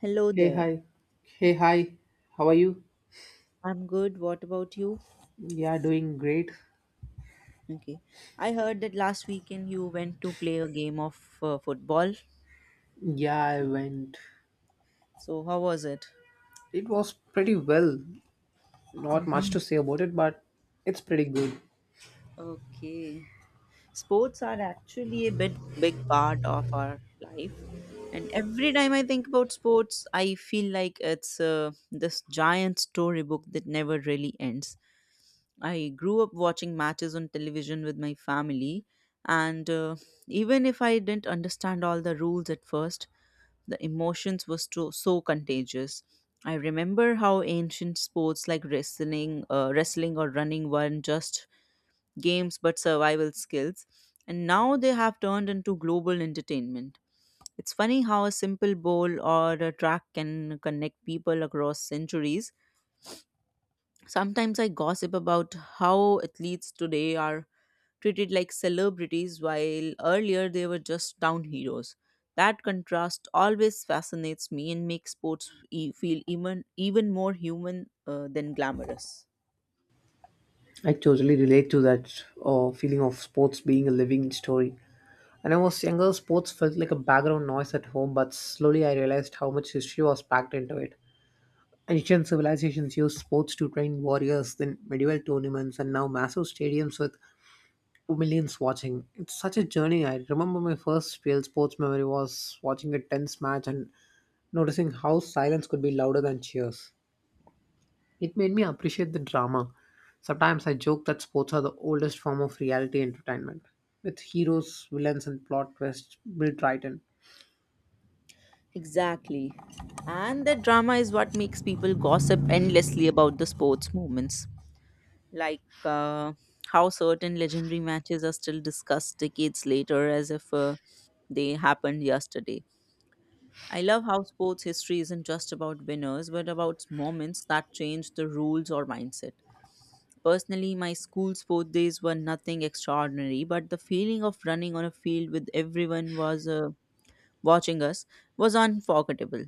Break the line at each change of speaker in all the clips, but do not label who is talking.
Hello
Hey,
there.
hi. Hey, hi. How are you?
I'm good. What about you?
Yeah, doing great.
Okay. I heard that last weekend you went to play a game of football.
Yeah, I went.
So, how was it?
It was pretty well. Not much
Hmm.
to say about it, but it's pretty good.
Okay. Sports are actually a bit big part of our life. And every time I think about sports, I feel like it's this giant storybook that never really ends. I grew up watching matches on television with my family, and even if I didn't understand all the rules at first, the emotions were so, so contagious. I remember how ancient sports like wrestling or running weren't just games but survival skills, and now they have turned into global entertainment. It's funny how a simple bowl or a track can connect people across centuries. Sometimes I gossip about how athletes today are treated like celebrities while earlier they were just town heroes. That contrast always fascinates me and makes sports feel even more human than glamorous.
I totally relate to that feeling of sports being a living story. When I was younger, sports felt like a background noise at home, but slowly I realized how much history was packed into it. Ancient civilizations used sports to train warriors, then medieval tournaments, and now massive stadiums with millions watching. It's such a journey. I remember my first real sports memory was watching a tense match and noticing how silence could be louder than cheers. It made me appreciate the drama. Sometimes I joke that sports are the oldest form of reality entertainment, with heroes, villains, and plot twists built right in.
Exactly. And the drama is what makes people gossip endlessly about the sports moments. Like uh, how certain legendary matches are still discussed decades later as if they happened yesterday. I love how sports history isn't just about winners, but about moments that change the rules or mindset. Personally, my school sport days were nothing extraordinary, but the feeling of running on a field with everyone was watching us was unforgettable.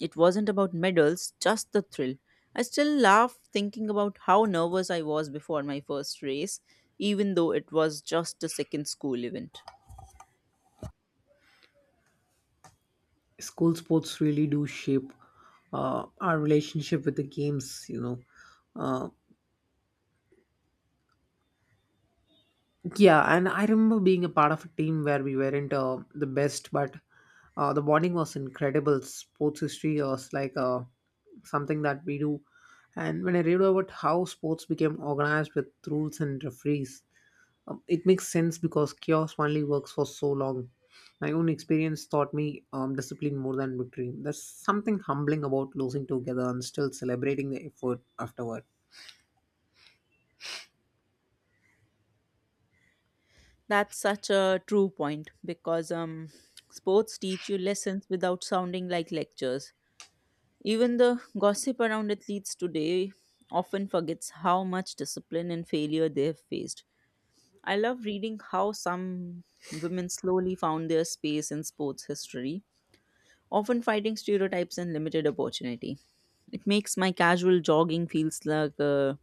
It wasn't about medals, just the thrill. I still laugh thinking about how nervous I was before my first race, even though it was just a second school event.
School sports really do shape our relationship with the games, you know. Uh, Yeah, and I remember being a part of a team where we weren't the best, but the bonding was incredible. Sports history was like something that we do. And when I read about how sports became organized with rules and referees, it makes sense because chaos only works for so long. My own experience taught me discipline more than victory. There's something humbling about losing together and still celebrating the effort afterward.
That's such a true point because sports teach you lessons without sounding like lectures. Even the gossip around athletes today often forgets how much discipline and failure they've faced. I love reading how some women slowly found their space in sports history, often fighting stereotypes and limited opportunity. It makes my casual jogging feels like uh,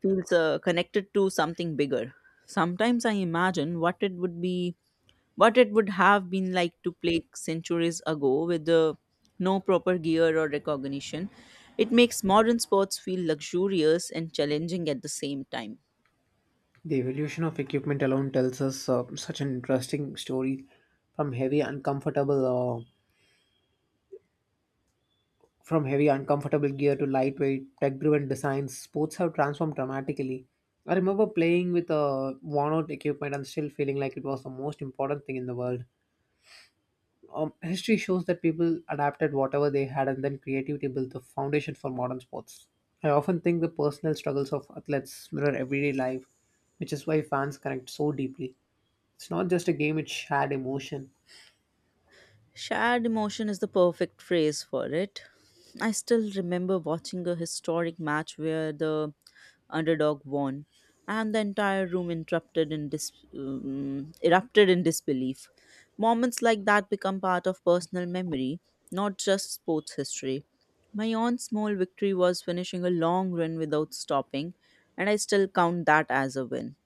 feels uh, connected to something bigger. Sometimes I imagine what it would have been like to play centuries ago with the no proper gear or recognition. It makes modern sports feel luxurious and challenging at the same time.
The evolution of equipment alone tells us such an interesting story from heavy uncomfortable uh, from heavy uncomfortable gear to lightweight tech-driven designs sports have transformed dramatically. I remember playing with a worn-out equipment and still feeling like it was the most important thing in the world. History shows that people adapted whatever they had, and then creativity built the foundation for modern sports. I often think the personal struggles of athletes mirror everyday life, which is why fans connect so deeply. It's not just a game, it's shared emotion.
Shared emotion is the perfect phrase for it. I still remember watching a historic match where the underdog won, and the entire room interrupted in erupted in disbelief. Moments like that become part of personal memory, not just sports history. My own small victory was finishing a long run without stopping, and I still count that as a win.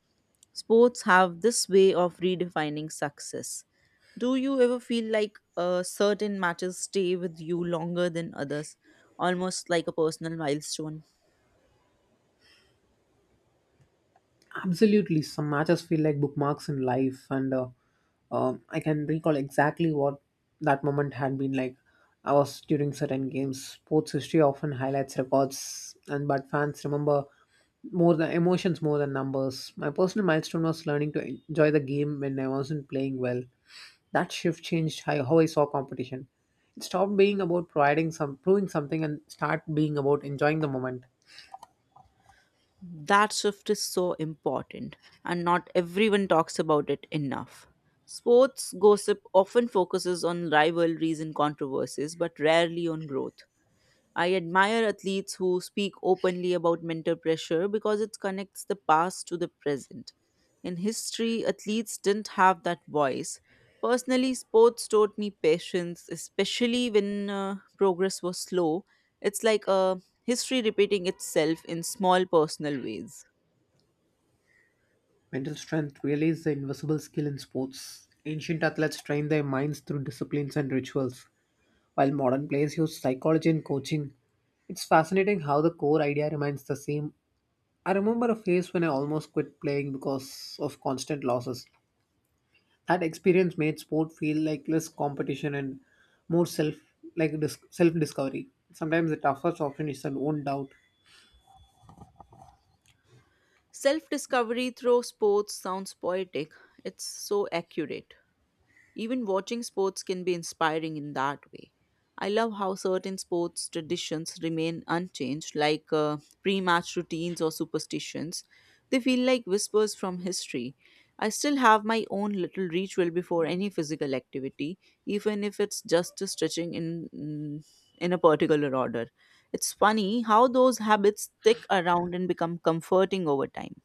Sports have this way of redefining success. Do you ever feel like certain matches stay with you longer than others, almost like a personal milestone?
Absolutely, some matches feel like bookmarks in life, and I can recall exactly what that moment had been like. I was during certain games. Sports history often highlights records, and but fans remember more the emotions more than numbers. My personal milestone was learning to enjoy the game when I wasn't playing well. That shift changed how I saw competition. It stopped being about proving something, and start being about enjoying the moment.
That shift is so important, and not everyone talks about it enough. Sports gossip often focuses on rivalries and controversies, but rarely on growth. I admire athletes who speak openly about mental pressure because it connects the past to the present. In history, athletes didn't have that voice. Personally, sports taught me patience, especially when progress was slow. It's like a history repeating itself in small personal ways.
Mental strength really is the invisible skill in sports. Ancient athletes trained their minds through disciplines and rituals, while modern players use psychology and coaching. It's fascinating how the core idea remains the same. I remember a phase when I almost quit playing because of constant losses. That experience made sport feel like less competition and more self self discovery. Sometimes the toughest option is an own doubt.
Self discovery through sports sounds poetic, it's so accurate. Even watching sports can be inspiring in that way. I love how certain sports traditions remain unchanged, like pre match routines or superstitions. They feel like whispers from history. I still have my own little ritual before any physical activity, even if it's just stretching in a particular order. It's funny how those habits stick around and become comforting over time.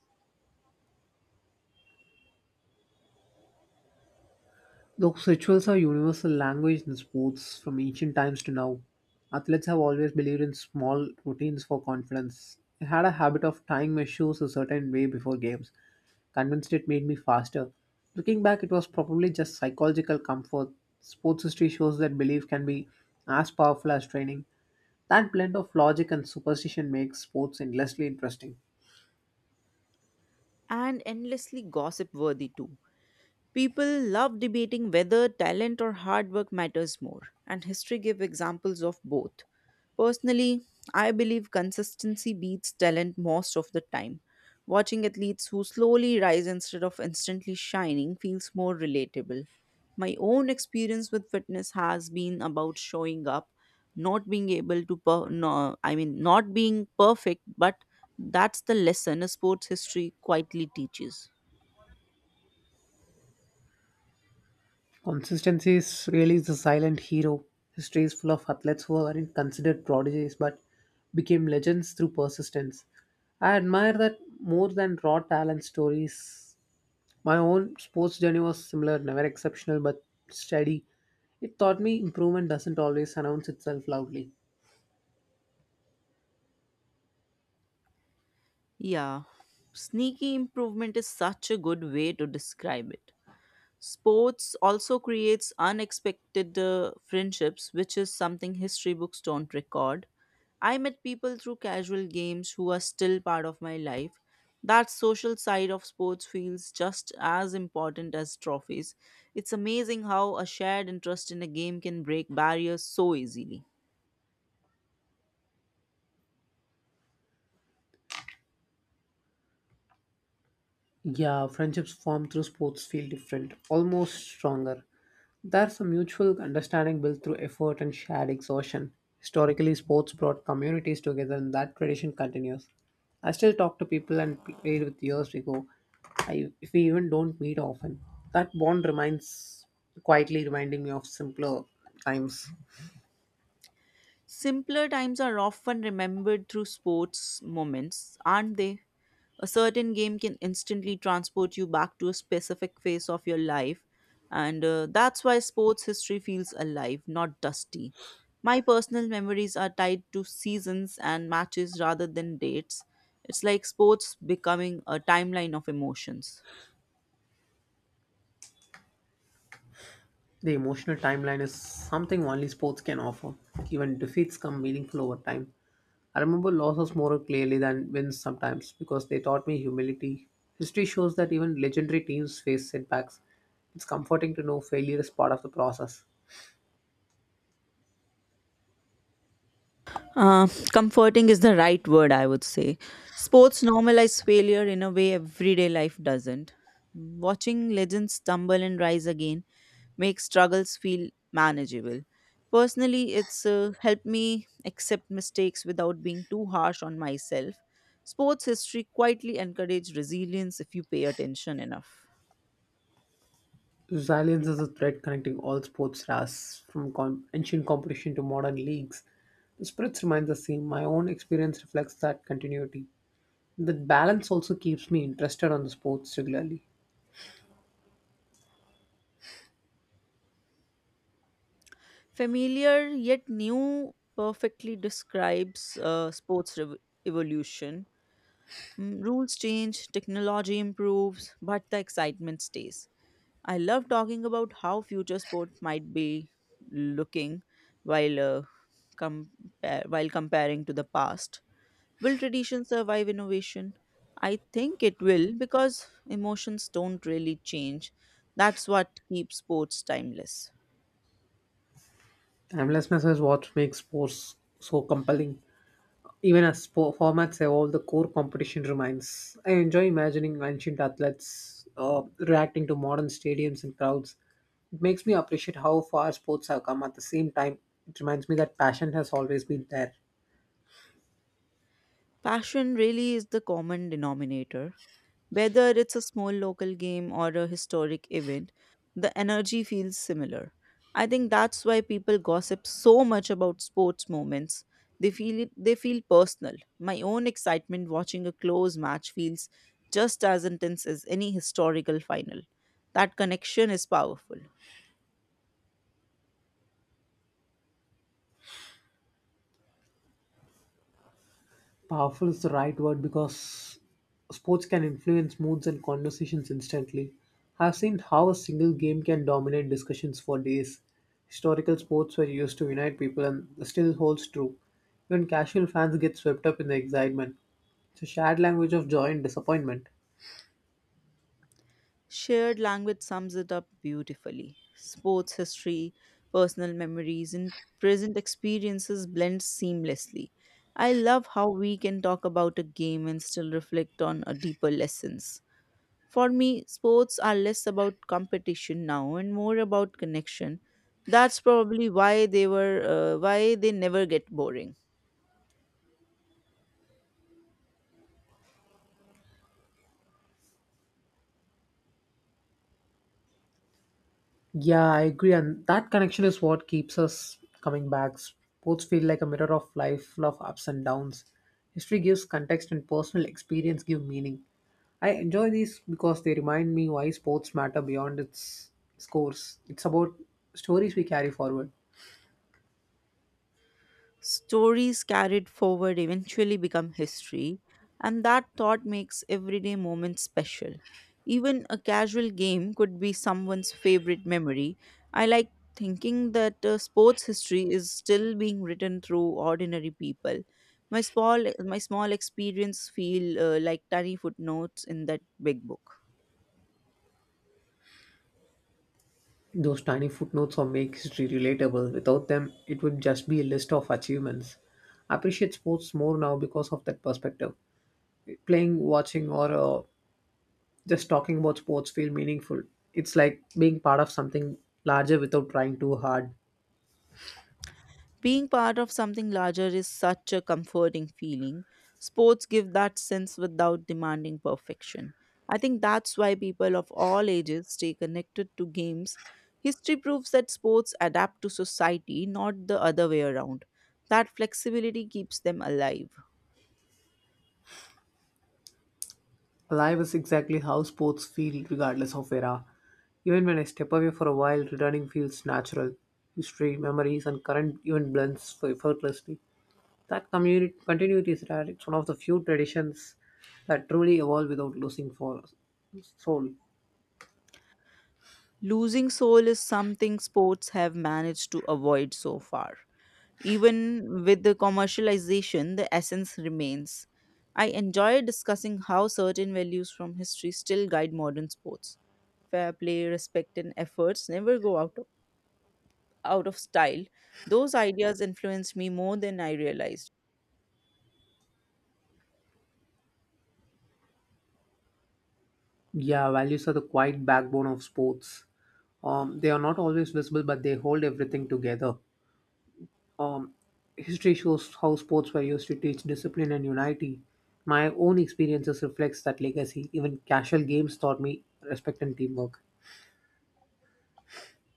Look, rituals are universal language in sports from ancient times to now. Athletes have always believed in small routines for confidence. I had a habit of tying my shoes a certain way before games, convinced it made me faster. Looking back, it was probably just psychological comfort. Sports history shows that belief can be as powerful as training. That blend of logic and superstition makes sports endlessly interesting.
And endlessly gossip worthy too. People love debating whether talent or hard work matters more, and history gives examples of both. Personally, I believe consistency beats talent most of the time. Watching athletes who slowly rise instead of instantly shining feels more relatable. My own experience with fitness has been about showing up, not being able to no, I mean not being perfect, but that's the lesson a sports history quietly teaches.
Consistency is really the silent hero. History is full of athletes who weren't considered prodigies but became legends through persistence. I admire that more than raw talent stories. My own sports journey was similar, never exceptional but steady. It taught me improvement doesn't always announce itself loudly.
Yeah. Sneaky improvement is such a good way to describe it. Sports also creates unexpected friendships, which is something history books don't record. I met people through casual games who are still part of my life. That social side of sports feels just as important as trophies. It's amazing how a shared interest in a game can break barriers so easily.
Yeah, friendships formed through sports feel different, almost stronger. There's a mutual understanding built through effort and shared exhaustion. Historically, sports brought communities together, and that tradition continues. I still talk to people and played with years ago. If we even don't meet often, that bond reminds quietly reminding me of simpler times.
Simpler times are often remembered through sports moments, aren't they? A certain game can instantly transport you back to a specific phase of your life, and that's why sports history feels alive, not dusty. My personal memories are tied to seasons and matches rather than dates. It's like sports becoming a timeline of emotions.
The emotional timeline is something only sports can offer. Even defeats come meaningful over time. I remember losses more clearly than wins sometimes because they taught me humility. History shows that even legendary teams face setbacks. It's comforting to know failure is part of the process.
Uh, Comforting is the right word, I would say. Sports normalize failure in a way everyday life doesn't. Watching legends stumble and rise again make struggles feel manageable. Personally, it's helped me accept mistakes without being too harsh on myself. Sports history quietly encourages resilience if you pay attention enough.
Resilience is a thread connecting all sports stars, ancient competition to modern leagues. The spirits remain the same. My own experience reflects that continuity. That balance also keeps me interested on the sports regularly.
Familiar yet new perfectly describes sports evolution. Rules change, technology improves, but the excitement stays. I love talking about how future sports might be looking while uh, while comparing to the past. Will tradition survive innovation? I think it will because emotions don't really change. That's what keeps sports timeless.
Timelessness is what makes sports so compelling. Even as sport formats evolve, the core competition remains. I enjoy imagining ancient athletes reacting to modern stadiums and crowds. It makes me appreciate how far sports have come at the same time. It reminds me that passion has always been there.
Passion really is the common denominator. Whether it's a small local game or a historic event, the energy feels similar. I think that's why people gossip so much about sports moments. They feel it, they feel personal. My own excitement watching a close match feels just as intense as any historical final. That connection is powerful.
Powerful is the right word because sports can influence moods and conversations instantly. I've seen how a single game can dominate discussions for days. Historical sports were used to unite people and still holds true. Even casual fans get swept up in the excitement. It's a shared language of joy and disappointment.
Shared language sums it up beautifully. Sports history, personal memories, and present experiences blend seamlessly. I love how we can talk about a game and still reflect on a deeper lessons. For me, sports are less about competition now and more about connection. That's probably why they never get boring.
Yeah, I agree. And that connection is what keeps us coming back. Sports feel like a mirror of life, full of ups and downs. History gives context, and personal experience give meaning. I enjoy these because they remind me why sports matter beyond its scores. It's about stories we carry forward.
Stories carried forward eventually become history, and that thought makes everyday moments special. Even a casual game could be someone's favorite memory. I like thinking that sports history is still being written through ordinary people. My small experience feel like tiny footnotes in that big book.
Those tiny footnotes or make history relatable. Without them, it would just be a list of achievements. I appreciate sports more now because of that perspective. Playing, watching, or just talking about sports feel meaningful. It's like being part of something larger without trying too hard.
Being part of something larger is such a comforting feeling. Sports give that sense without demanding perfection. I think that's why people of all ages stay connected to games. History proves that sports adapt to society, not the other way around. That flexibility keeps them alive.
Life is exactly how sports feel regardless of era. Even when I step away for a while, returning feels natural. History, memories, and current even blends for effortlessly. That community continuity is rare. It's one of the few traditions that truly evolve without losing for soul.
Losing soul is something sports have managed to avoid so far. Even with the commercialization, the essence remains. I enjoy discussing how certain values from history still guide modern sports. Fair play, respect, and efforts never go out of style. Those ideas influenced me more than I realized.
Yeah, values are the quiet backbone of sports. They are not always visible, but they hold everything together. Um, History shows how sports were used to teach discipline and unity. My own experiences reflects that legacy. Even casual games taught me respect and teamwork.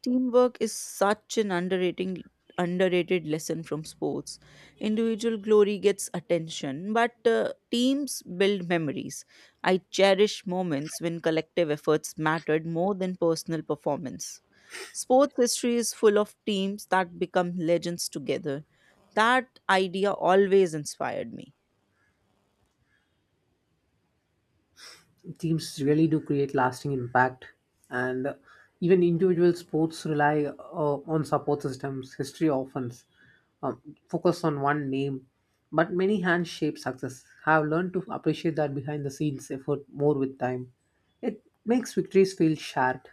Teamwork is such an underrating underrated lesson from sports. Individual glory gets attention, but teams build memories. I cherish moments when collective efforts mattered more than personal performance. Sports history is full of teams that become legends together. That idea always inspired me.
Teams really do create lasting impact, and even individual sports rely on support systems. History often um, focus on one name, but many hands shape success. I have learned to appreciate that behind the scenes effort more with time. It makes victories feel shared.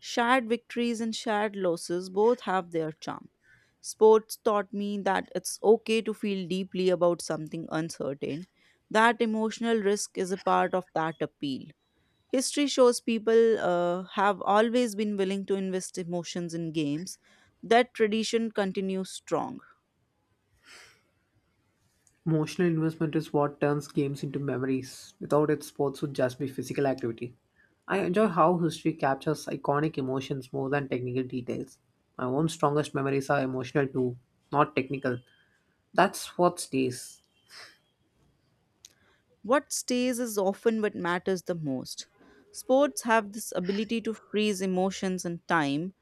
Shared victories and shared losses both have their charm. Sports taught me that it's okay to feel deeply about something uncertain. That emotional risk is a part of that appeal. History shows people have always been willing to invest emotions in games. That tradition continues strong.
Emotional investment is what turns games into memories. Without it, sports would just be physical activity. I enjoy how history captures iconic emotions more than technical details. My own strongest memories are emotional too, not technical. That's what stays.
What stays is often what matters the most. Sports have this ability to freeze emotions and time.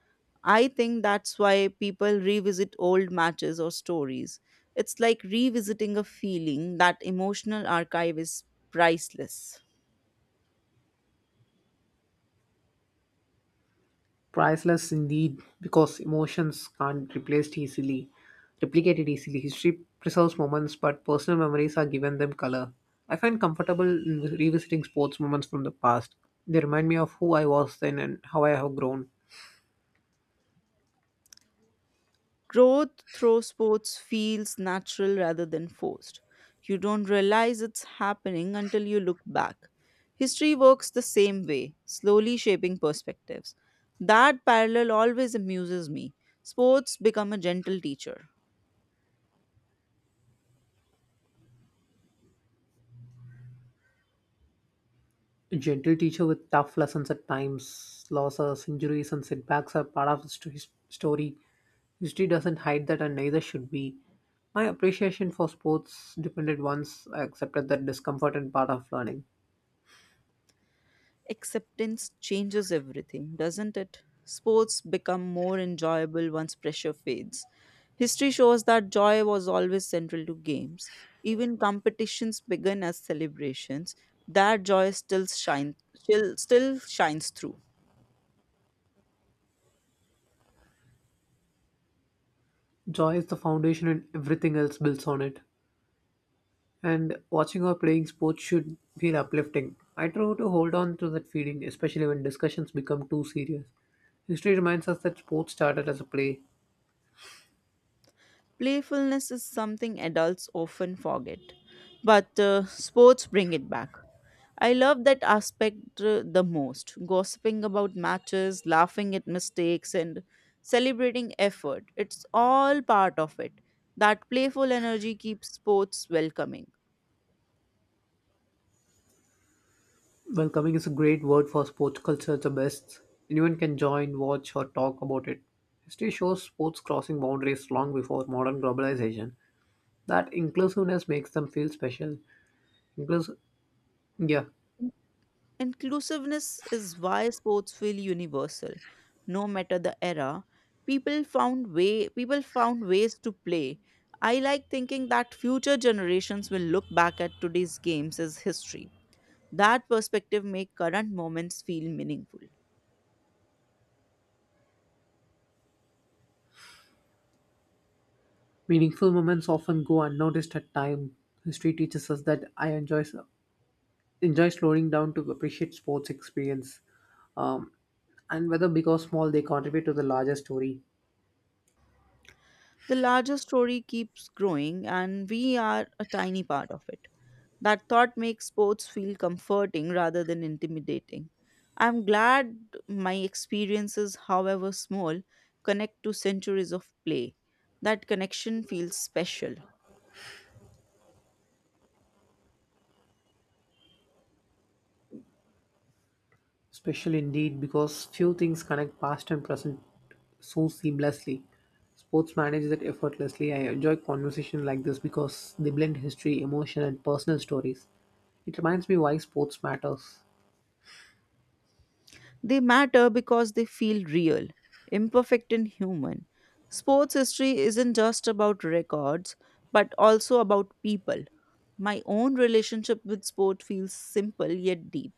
I think that's why people revisit old matches or stories. It's like revisiting a feeling, that emotional archive is priceless.
Priceless indeed, because emotions can't replaced easily, replicated easily. History preserves moments, but personal memories are given them color. I find comfortable in revisiting sports moments from the past. They remind me of who I was then and how I have grown.
Growth through sports feels natural rather than forced. You don't realize it's happening until you look back. History works the same way, slowly shaping perspectives. That parallel always amuses me. Sports become a gentle teacher.
A gentle teacher with tough lessons at times, losses, injuries, and setbacks are part of the story. History doesn't hide that, and neither should we. My appreciation for sports depended once I accepted that discomfort and part of learning.
Acceptance changes everything, doesn't it? Sports become more enjoyable once pressure fades. History shows that joy was always central to games. Even competitions began as celebrations. That joy still shines through.
Joy is the foundation, and everything else builds on it. And watching or playing sports should feel uplifting. I try to hold on to that feeling, especially when discussions become too serious. History reminds us that sports started as a play.
Playfulness is something adults often forget, but sports bring it back. I love that aspect the most gossiping about matches, laughing at mistakes, and celebrating effort. It's all part of it. That playful energy keeps sports welcoming.
Welcoming is a great word for sports culture at the best. Anyone can join, watch, or talk about it. History shows sports crossing boundaries long before modern globalization. That inclusiveness makes them feel special. Inclus- yeah,
Inclusiveness is why sports feel universal. No matter the era, people found ways to play. I like thinking that future generations will look back at today's games as history. That perspective make current moments feel meaningful.
meaningful moments often go unnoticed at time. History teaches us that I enjoy slowing down to appreciate sports experience, um, and whether big or small, they contribute to the larger story.
The larger story keeps growing and we are a tiny part of it. That thought makes sports feel comforting rather than intimidating. I'm glad my experiences, however small, connect to centuries of play. That connection feels special.
Special indeed because few things connect past and present so seamlessly. Sports manage that effortlessly. I enjoy conversations like this because they blend history, emotion, and personal stories. It reminds me why sports matters.
They matter because they feel real, imperfect, and human. Sports history isn't just about records, but also about people. My own relationship with sport feels simple yet deep.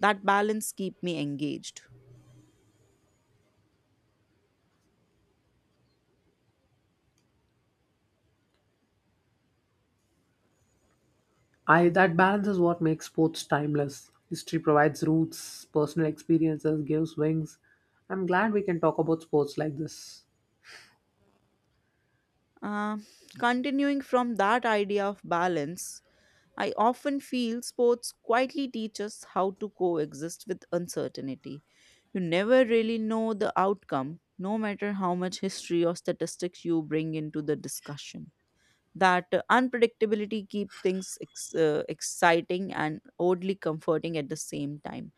That balance keeps me engaged.
I that balance is what makes sports timeless. History provides roots, personal experiences gives wings. I'm glad we can talk about sports like this.
Uh, continuing from that idea of balance, I often feel sports quietly teach us how to coexist with uncertainty. You never really know the outcome, no matter how much history or statistics you bring into the discussion. That unpredictability keep things exciting and oddly comforting at the same time.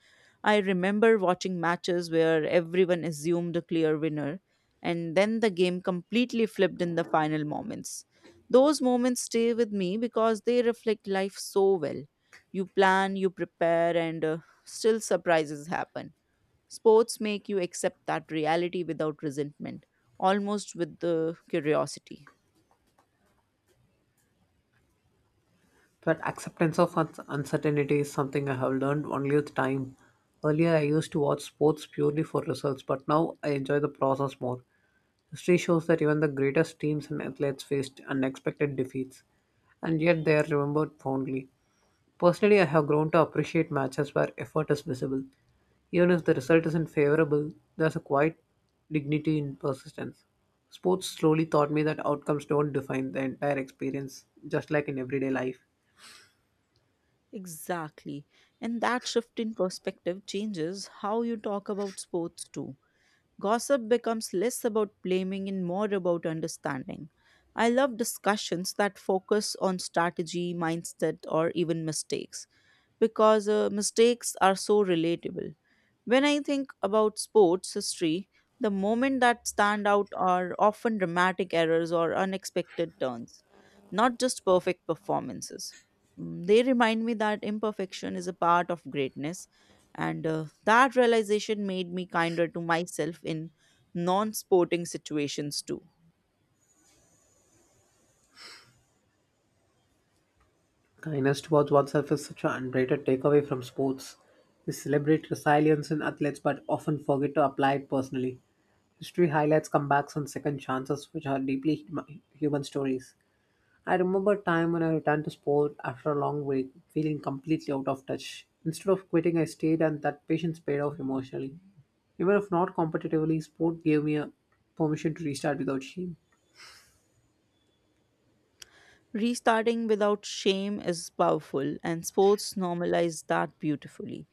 I remember watching matches where everyone assumed a clear winner, and then the game completely flipped in the final moments. Those moments stay with me because they reflect life so well. You plan, you prepare, and still surprises happen. Sports make you accept that reality without resentment, almost with the curiosity.
But acceptance of uncertainty is something I have learned only with time. Earlier, I used to watch sports purely for results, but now I enjoy the process more. History shows that even the greatest teams and athletes faced unexpected defeats, and yet they are remembered fondly. Personally, I have grown to appreciate matches where effort is visible. Even if the result isn't favorable, there's a quiet dignity in persistence. Sports slowly taught me that outcomes don't define the entire experience, just like in everyday life.
Exactly. And that shift in perspective changes how you talk about sports too. Gossip becomes less about blaming and more about understanding. I love discussions that focus on strategy, mindset, or even mistakes because mistakes are so relatable. When I think about sports history, the moments that stand out are often dramatic errors or unexpected turns, not just perfect performances. Mm, they remind me that imperfection is a part of greatness, and that realization made me kinder to myself in non sporting situations too.
Kindness towards oneself is such an underrated takeaway from sports. We celebrate resilience in athletes but often forget to apply it personally. History highlights comebacks and second chances, which are deeply human stories. I remember a time when I returned to sport after a long break, feeling completely out of touch. Instead of quitting, I stayed, and that patience paid off emotionally. Even if not competitively, sport gave me a permission to restart without shame.
Restarting without shame is powerful, and sports normalize that beautifully.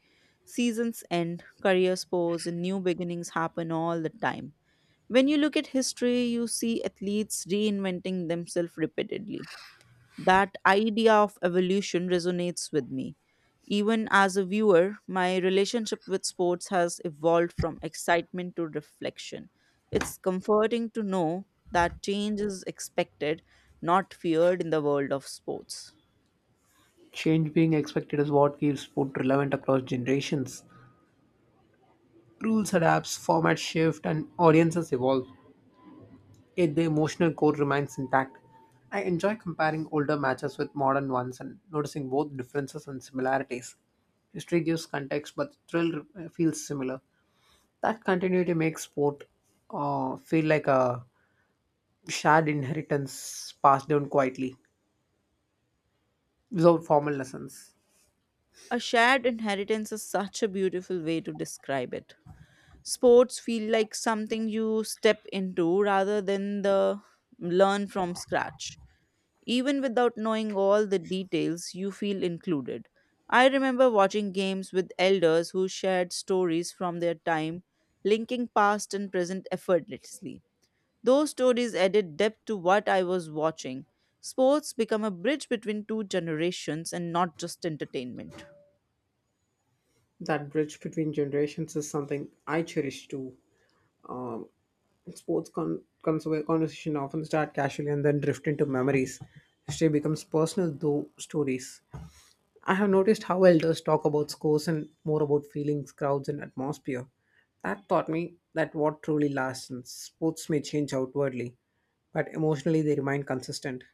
Seasons end, careers pause, and new beginnings happen all the time. When you look at history, you see athletes reinventing themselves repeatedly. That idea of evolution resonates with me. Even as a viewer, my relationship with sports has evolved from excitement to reflection. It's comforting to know that change is expected, not feared in the world of sports.
Change being expected is what keeps sport relevant across generations. Rules adapt, formats shift, and audiences evolve, yet the emotional core remains intact. I enjoy comparing older matches with modern ones and noticing both differences and similarities. History gives context, but thrill feels similar. That continuity makes sport feel like a shared inheritance passed down quietly, without formal lessons.
A shared inheritance is such a beautiful way to describe it. Sports feel like something you step into rather than the learn from scratch. Even without knowing all the details, you feel included. I remember watching games with elders who shared stories from their time, linking past and present effortlessly. Those stories added depth to what I was watching. Sports become a bridge between two generations and not just entertainment.
That bridge between generations is something I cherish too. Um, Sports conversation often start casually and then drift into memories. History becomes personal though stories. I have noticed how elders talk about scores and more about feelings, crowds, and atmosphere. That taught me that what truly lasts in sports may change outwardly, but emotionally they remain consistent.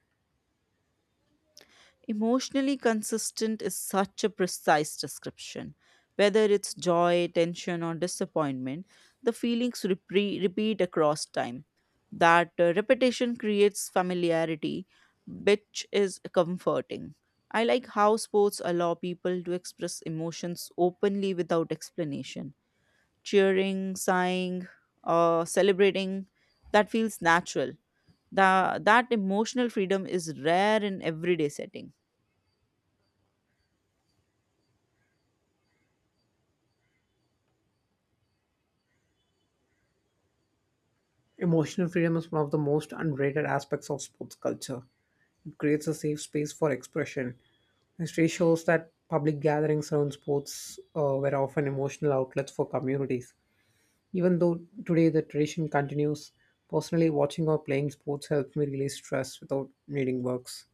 Emotionally consistent is such a precise description. Whether it's joy, tension, or disappointment, the feelings repeat across time. That repetition creates familiarity, which is comforting. I like how sports allow people to express emotions openly without explanation. Cheering, sighing, or celebrating, that feels natural. That emotional freedom is rare in everyday setting.
Emotional freedom is one of the most underrated aspects of sports culture. It creates a safe space for expression. History shows that public gatherings around sports were often emotional outlets for communities. Even though today the tradition continues, personally watching or playing sports helps me release stress without needing works.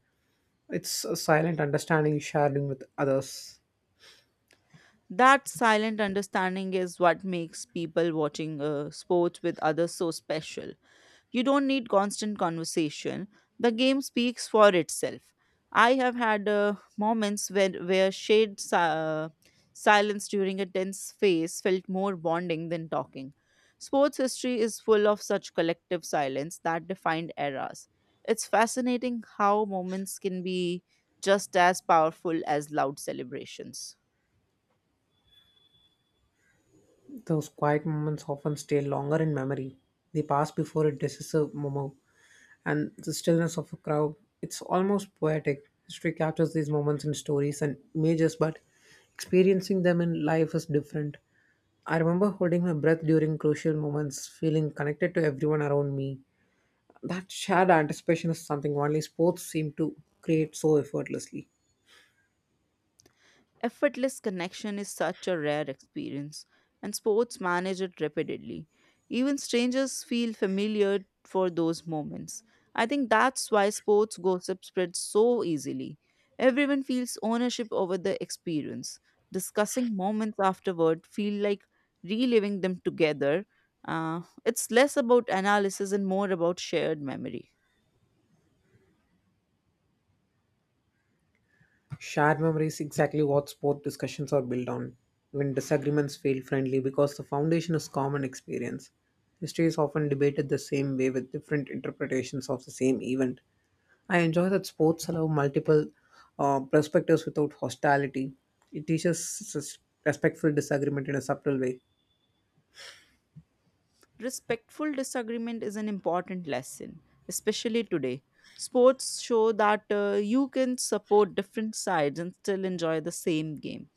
It's a silent understanding sharing with others.
That silent understanding is what makes people watching a sport with others so special. You don't need constant conversation, the game speaks for itself. I have had moments where silence during a tense phase felt more bonding than talking. Sports history is full of such collective silence that defined eras. It's fascinating how moments can be just as powerful as loud celebrations.
Those quiet moments often stay longer in memory. They pass before a decisive moment and the stillness of a crowd. It's almost poetic. History captures these moments in stories and images, but experiencing them in life is different. I remember holding my breath during crucial moments, feeling connected to everyone around me. That shared anticipation is something only sports seem to create so effortlessly.
Effortless connection is such a rare experience, and sports manage it repeatedly. Even strangers feel familiar for those moments. I think that's why sports gossip spreads so easily. Everyone feels ownership over the experience. Discussing moments afterward feel like reliving them together. It's less about analysis and more about shared memory.
Shared memory is exactly what sport discussions are built on. When disagreements feel friendly because the foundation is common experience. History is often debated the same way with different interpretations of the same event. I enjoy that sports allow multiple perspectives without hostility. It teaches respectful disagreement in a subtle way.
Respectful disagreement is an important lesson, especially today. Sports show that you can support different sides and still enjoy the same game.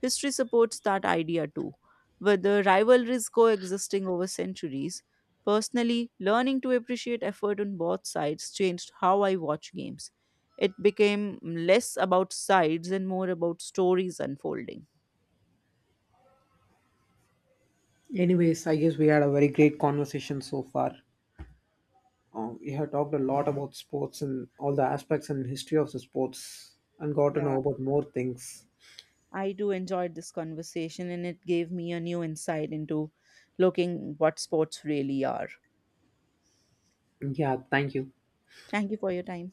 History supports that idea too. With the rivalries coexisting over centuries, personally, learning to appreciate effort on both sides changed how I watch games. It became less about sides and more about stories unfolding.
Anyways, I guess we had a very great conversation so far. We have talked a lot about sports and all the aspects and history of the sports and got to
Yeah,
know about more things.
I too enjoyed this conversation and it gave me a new insight into looking what sports really are.
Yeah, thank you.
Thank you for your time.